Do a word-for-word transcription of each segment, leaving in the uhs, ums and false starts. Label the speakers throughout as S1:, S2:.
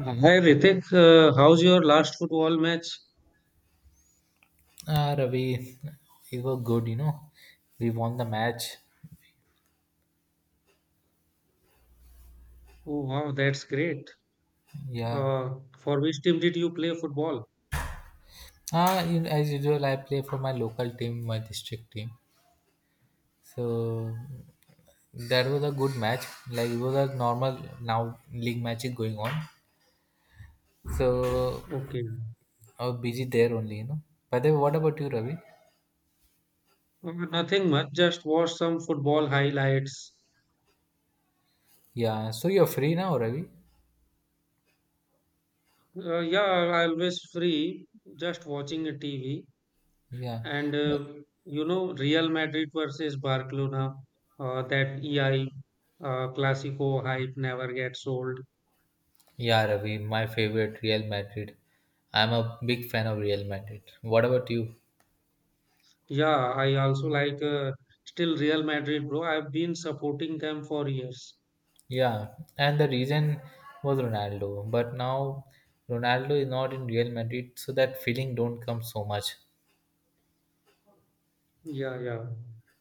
S1: Uh, Hi Ritik, uh, how's your last football match?
S2: Ah, Ravi, you were good, you know. We won the match.
S1: Oh wow, that's great.
S2: Yeah.
S1: Uh, for which team did you play football?
S2: Ah, you, as usual, I play for my local team, my district team. So that was a good match. Like it was a normal now league match is going on. So
S1: Okay.
S2: I was busy there only, you know. By the way, what about you, Ravi?
S1: Uh, nothing much, just watched some football highlights.
S2: Yeah. So you're free now, Ravi?
S1: Uh, yeah, I always free, just watching a T V.
S2: Yeah.
S1: And uh, you know, Real Madrid versus Barcelona, uh, that E I uh, Clasico hype never gets old.
S2: Yeah, Ravi, my favorite Real Madrid. I'm a big fan of Real Madrid. What about you?
S1: Yeah, I also like uh, still Real Madrid, bro. I've been supporting them for years.
S2: Yeah, and the reason was Ronaldo. But now Ronaldo is not in Real Madrid, so that feeling don't come so much.
S1: Yeah, yeah.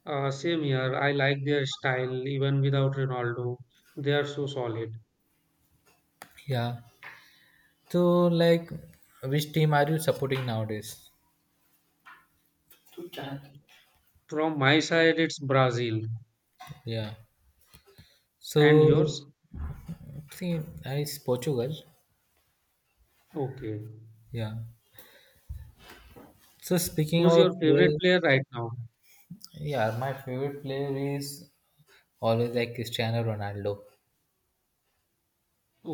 S1: Uh, Same here. I like their style even without Ronaldo. They are so solid.
S2: Yeah. So like, which team are you supporting nowadays?
S1: And from my side, it's Brazil.
S2: Yeah.
S1: And
S2: So
S1: yours?
S2: see, I is Portugal.
S1: Okay.
S2: Yeah. So speaking
S1: Who's your
S2: about
S1: favorite
S2: players,
S1: player right now?
S2: yeah, my favorite player is always like Cristiano Ronaldo.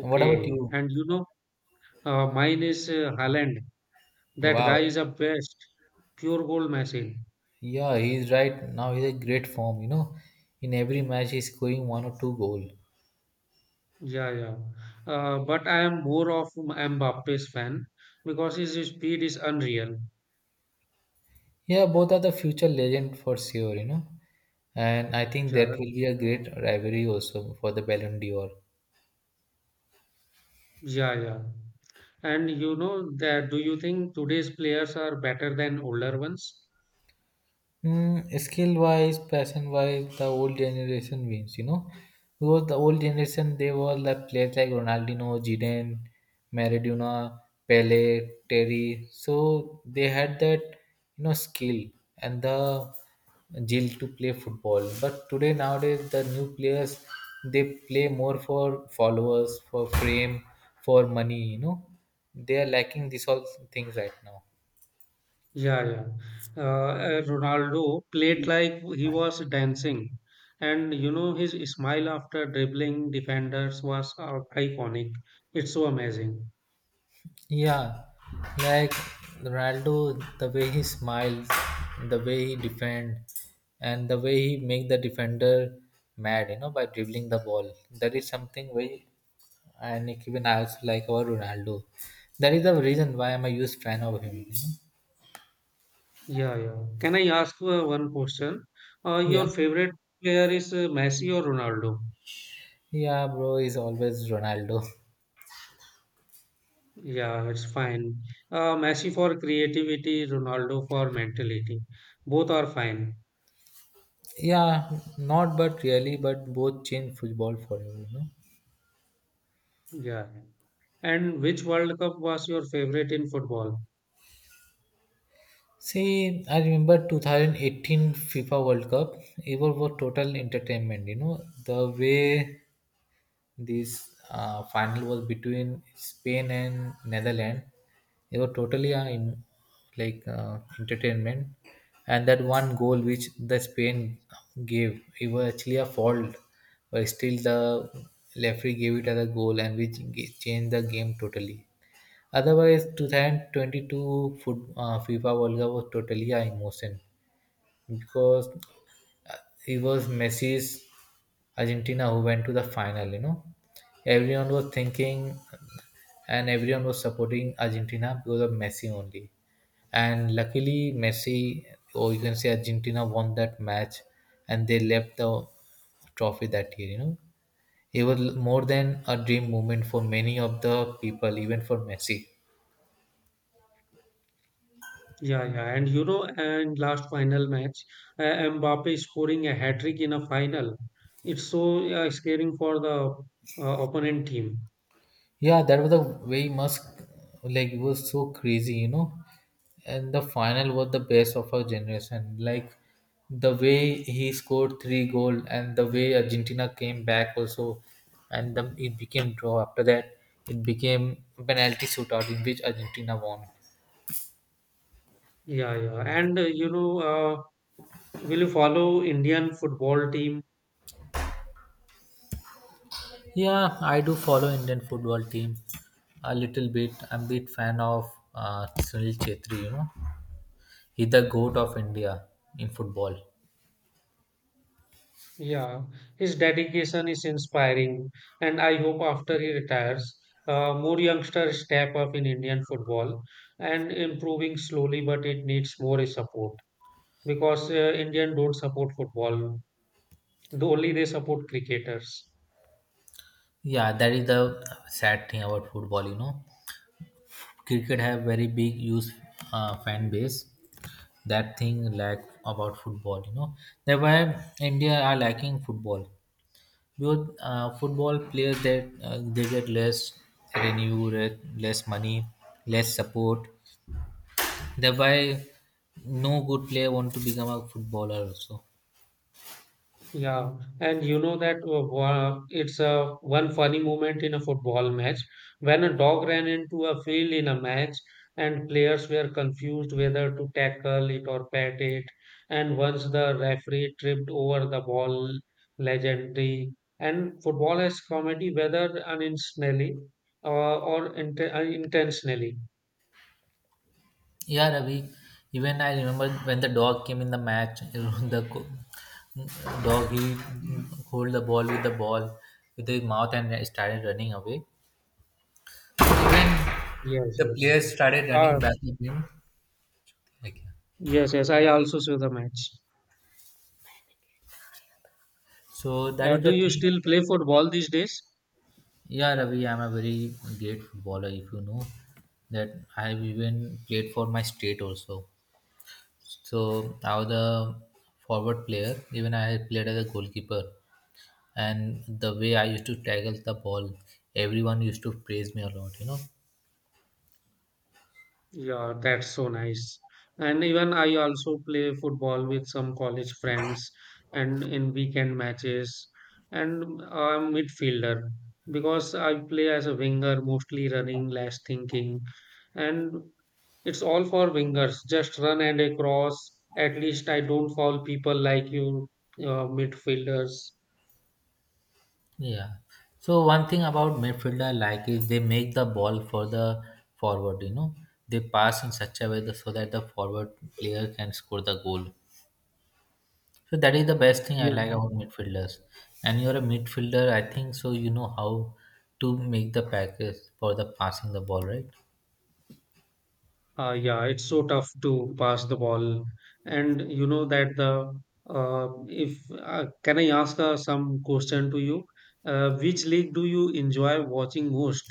S2: What about you?
S1: And you know, uh, mine is uh, Haaland. That
S2: Wow.
S1: guy is a best. Pure goal machine.
S2: Yeah, he's right now. He's a great form. You know, in every match he's scoring one or two goal.
S1: Yeah, yeah. Uh, But I am more of Mbappe's fan because his speed is unreal.
S2: Yeah, both are the future legend for sure, you know. And I think
S1: Yeah,
S2: that will be a great rivalry also for the Ballon d'Or.
S1: yeah, yeah. And you know that do you think today's players are better than older ones?
S2: Mm, skill wise, passion wise, the old generation wins, you know. Because the old generation, they were like players like Ronaldinho, Zidane, Maradona, Pele, Terry. So they had that, you know, skill and the zeal to play football. But today, nowadays, the new players, they play more for followers, for fame, for money, you know. They are lacking these all things right now.
S1: Yeah, yeah. Uh, uh, Ronaldo played like he was dancing, and you know his smile after dribbling defenders was uh, iconic. It's so amazing.
S2: Yeah, like Ronaldo, the way he smiles, the way he defend, and the way he make the defender mad, you know, by dribbling the ball. That is something very, and even I also like our Ronaldo. That is the reason why I'm a huge fan of him. you know.
S1: Yeah, yeah. Can I ask uh, one question? Uh,
S2: Yeah,
S1: your favorite player is uh, Messi or Ronaldo?
S2: yeah, bro is always Ronaldo.
S1: Yeah, it's fine. Uh, Messi for creativity, Ronaldo for mentality. Both are fine.
S2: Yeah, not but really, but both change football forever, you know.
S1: Yeah. And which World Cup was your favorite in football?
S2: See, I remember twenty eighteen FIFA World Cup. It was was total entertainment. You know the way this uh, final was between Spain and Netherlands. It was totally uh, in, like uh, entertainment, and that one goal which the Spain gave, it was actually a fault, but still the referee gave it as a goal, and which ga- changed the game totally. Otherwise, two thousand twenty-two foot, uh, FIFA World Cup was totally an emotion because uh, it was Messi's Argentina who went to the final. You know, everyone was thinking and everyone was supporting Argentina because of Messi only. And luckily, Messi, or you can say Argentina, won that match and they left the trophy that year. You know, it was more than a dream moment for many of the people, even for Messi.
S1: Yeah, yeah. And you know, and last final match, uh, Mbappe scoring a hat trick in a final. It's so uh, scaring for the uh, opponent team.
S2: Yeah, that was the way Musk like it was so crazy, you know. And the final was the best of our generation. Like the way he scored three goal and the way Argentina came back also, and then it became draw. After that, it became penalty shootout in which Argentina won.
S1: Yeah, yeah. And uh, you know, uh, will you follow Indian football team?
S2: Yeah, I do follow Indian football team a little bit. I'm a bit fan of uh, Sunil Chetri. You know, he's the goat of India in football.
S1: Yeah, his dedication is inspiring, and I hope after he retires, uh, more youngsters step up in Indian football and improving slowly, but it needs more support. Because uh, Indian don't support football. The only they support cricketers.
S2: Yeah, that is the sad thing about football. You know, cricket have very big use uh, fan base. That thing lack about football. You know, that's why India are lacking football because uh, football players that uh, they get less revenue, re- less money, less support. That's why no good player want to become a footballer also.
S1: Yeah, and you know that uh, wa- it's a one funny moment in a football match when a dog ran into a field in a match and players were confused whether to tackle it or pet it. And once the referee tripped over the ball, legendary. And football is comedy whether unintentionally uh, or int- uh, intentionally.
S2: Yeah, Ravi. Even I remember when the dog came in the match. you know, The co- dog he hold the ball with the ball with his mouth and started running away. Even
S1: Yes,
S2: the
S1: yes.
S2: players started
S1: Uh,
S2: running back at him. Like,
S1: Yes, yes, I also saw the match.
S2: so that
S1: Uh,
S2: is
S1: do
S2: the
S1: you
S2: thing.
S1: still play football these days?
S2: Yeah, Ravi, I'm a very great footballer. If you know that, I've even played for my state also. So I was a forward player. Even I had played as a goalkeeper. And the way I used to tackle the ball, everyone used to praise me a lot, you know.
S1: Yeah, that's so nice. And even I also play football with some college friends and in weekend matches. And I'm midfielder because I play as a winger, mostly running, less thinking. And it's all for wingers. Just run and a cross. At least I don't foul people like you, uh, midfielders.
S2: Yeah. So one thing about midfielder I like is they make the ball for the forward, you know. They pass in such a way that, so that the forward player can score the goal. So that is the best thing I
S1: Yeah.
S2: like about midfielders. And you're a midfielder, I think so you know how to make the package for the passing the ball, right?
S1: Uh, yeah, it's so tough to pass the ball, and you know that the uh, if uh, can I ask uh, some question to you? Uh, which league do you enjoy watching most?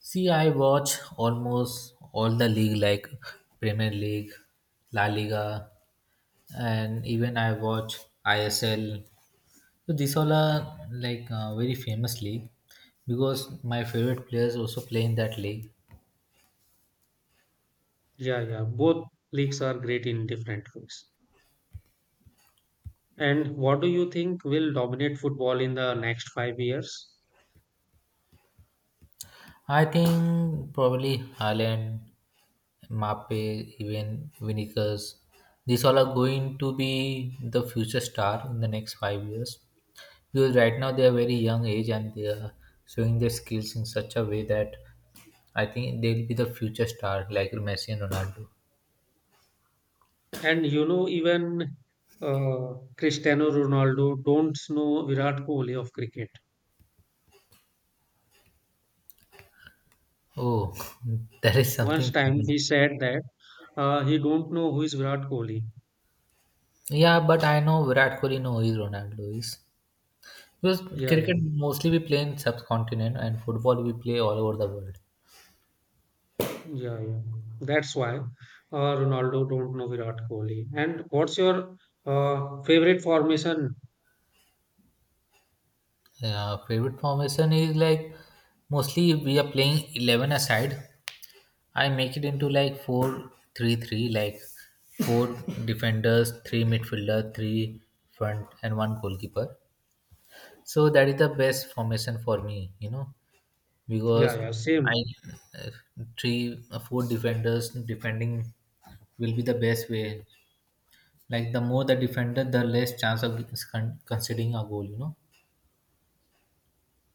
S2: See, I watch almost all the league like Premier League, La Liga, and even I watch I S L. So these all are like uh, very famous league because my favorite players also play in that league.
S1: Yeah, yeah, both leagues are great in different ways. And what do you think will dominate football in the next five years?
S2: I think probably Haaland, Mape, even Vinicius. These all are going to be the future star in the next five years. Because right now they are very young age and they are showing their skills in such a way that I think they'll be the future star like Messi and Ronaldo.
S1: And you know, even uh, Cristiano Ronaldo don't know Virat Kohli of cricket.
S2: Oh, that is
S1: Once
S2: something
S1: time
S2: funny.
S1: he said that uh, he don't know who is Virat Kohli.
S2: Yeah, but I know Virat Kohli no is Ronaldo is. Because
S1: Yeah, yeah.
S2: cricket mostly we play in subcontinent and football we play all over the world.
S1: Yeah, yeah. That's why uh, Ronaldo don't know Virat Kohli. And what's your uh, favorite formation?
S2: Yeah, favorite formation is like mostly we are playing eleven aside I make it into like four three three, like four defenders, three midfielder, three front, and one goalkeeper. So that is the best formation for me, you know,
S1: Yeah,
S2: because
S1: yeah,
S2: I
S1: same,
S2: uh, three four defenders defending will be the best way. Like the more the defender, the less chance of con- conceding a goal, you know.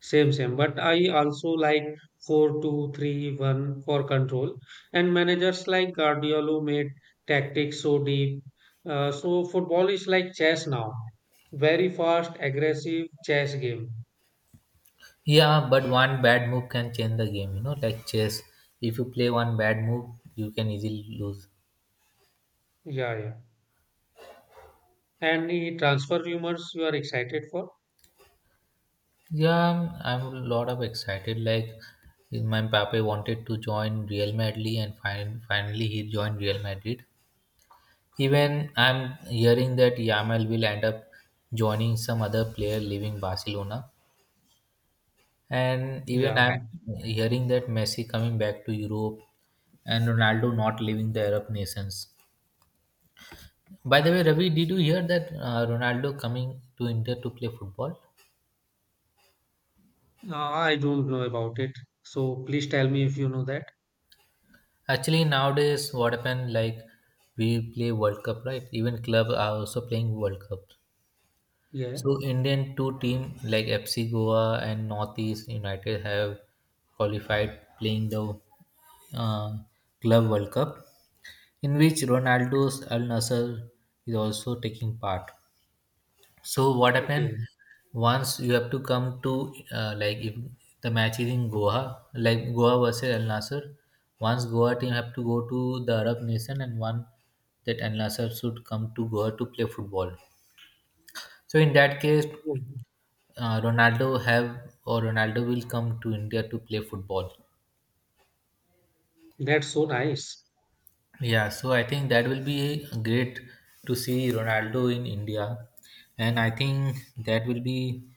S1: same, same. But I also like four, two, three, one for control. And managers like Guardiola made tactics so deep. Uh, so football is like chess now. Very fast, aggressive chess game.
S2: Yeah, but one bad move can change the game, you know, like chess. If you play one bad move, you can easily lose.
S1: Yeah, yeah. Any transfer rumors you are excited for?
S2: Yeah, I'm I'm a lot of excited. Like my Mbappe wanted to join Real Madrid, and fin- finally he joined Real Madrid. Even I'm hearing that Yamal will end up joining some other player leaving Barcelona, and even
S1: Yeah.
S2: I'm hearing that Messi coming back to Europe and Ronaldo not leaving the Arab nations. By the way, Ravi, did you hear that uh, Ronaldo coming to India to play football?
S1: Uh, I don't know about it. So please tell me if you know that.
S2: Actually, nowadays, what happened like we play World Cup, right? Even club are also playing World Cup.
S1: Yeah.
S2: So Indian two team like F C Goa and Northeast United have qualified playing the uh, Club World Cup, in which Ronaldo's Al Nassr is also taking part. So what happened
S1: Okay.
S2: once you have to come to uh, like if the match is in Goa, like Goa versus Al Nasser. Once Goa team have to go to the Arab nation and one that Al Nasser should come to Goa to play football. So in that case,
S1: Oh,
S2: uh, Ronaldo have or Ronaldo will come to India to play football.
S1: that's so nice.
S2: Yeah, so I think that will be great to see Ronaldo in India, and I think that will be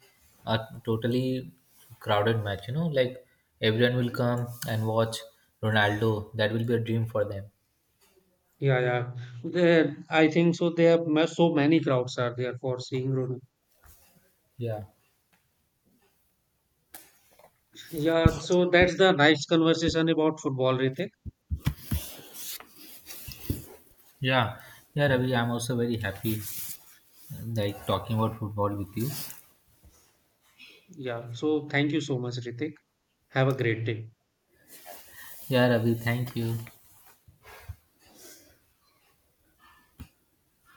S2: a totally crowded match. You know, like everyone will come and watch Ronaldo. That will be a dream for them.
S1: Yeah, yeah. There, I think so. There are ma- so many crowds are there for seeing Ronaldo.
S2: Yeah,
S1: Yeah. So that's the nice conversation about football, Ritik.
S2: yeah, yeah, Ravi. I'm also very happy like talking about football with you.
S1: Yeah. So thank you so much, Ritik. Have a great day.
S2: Yeah, Ravi. Thank you.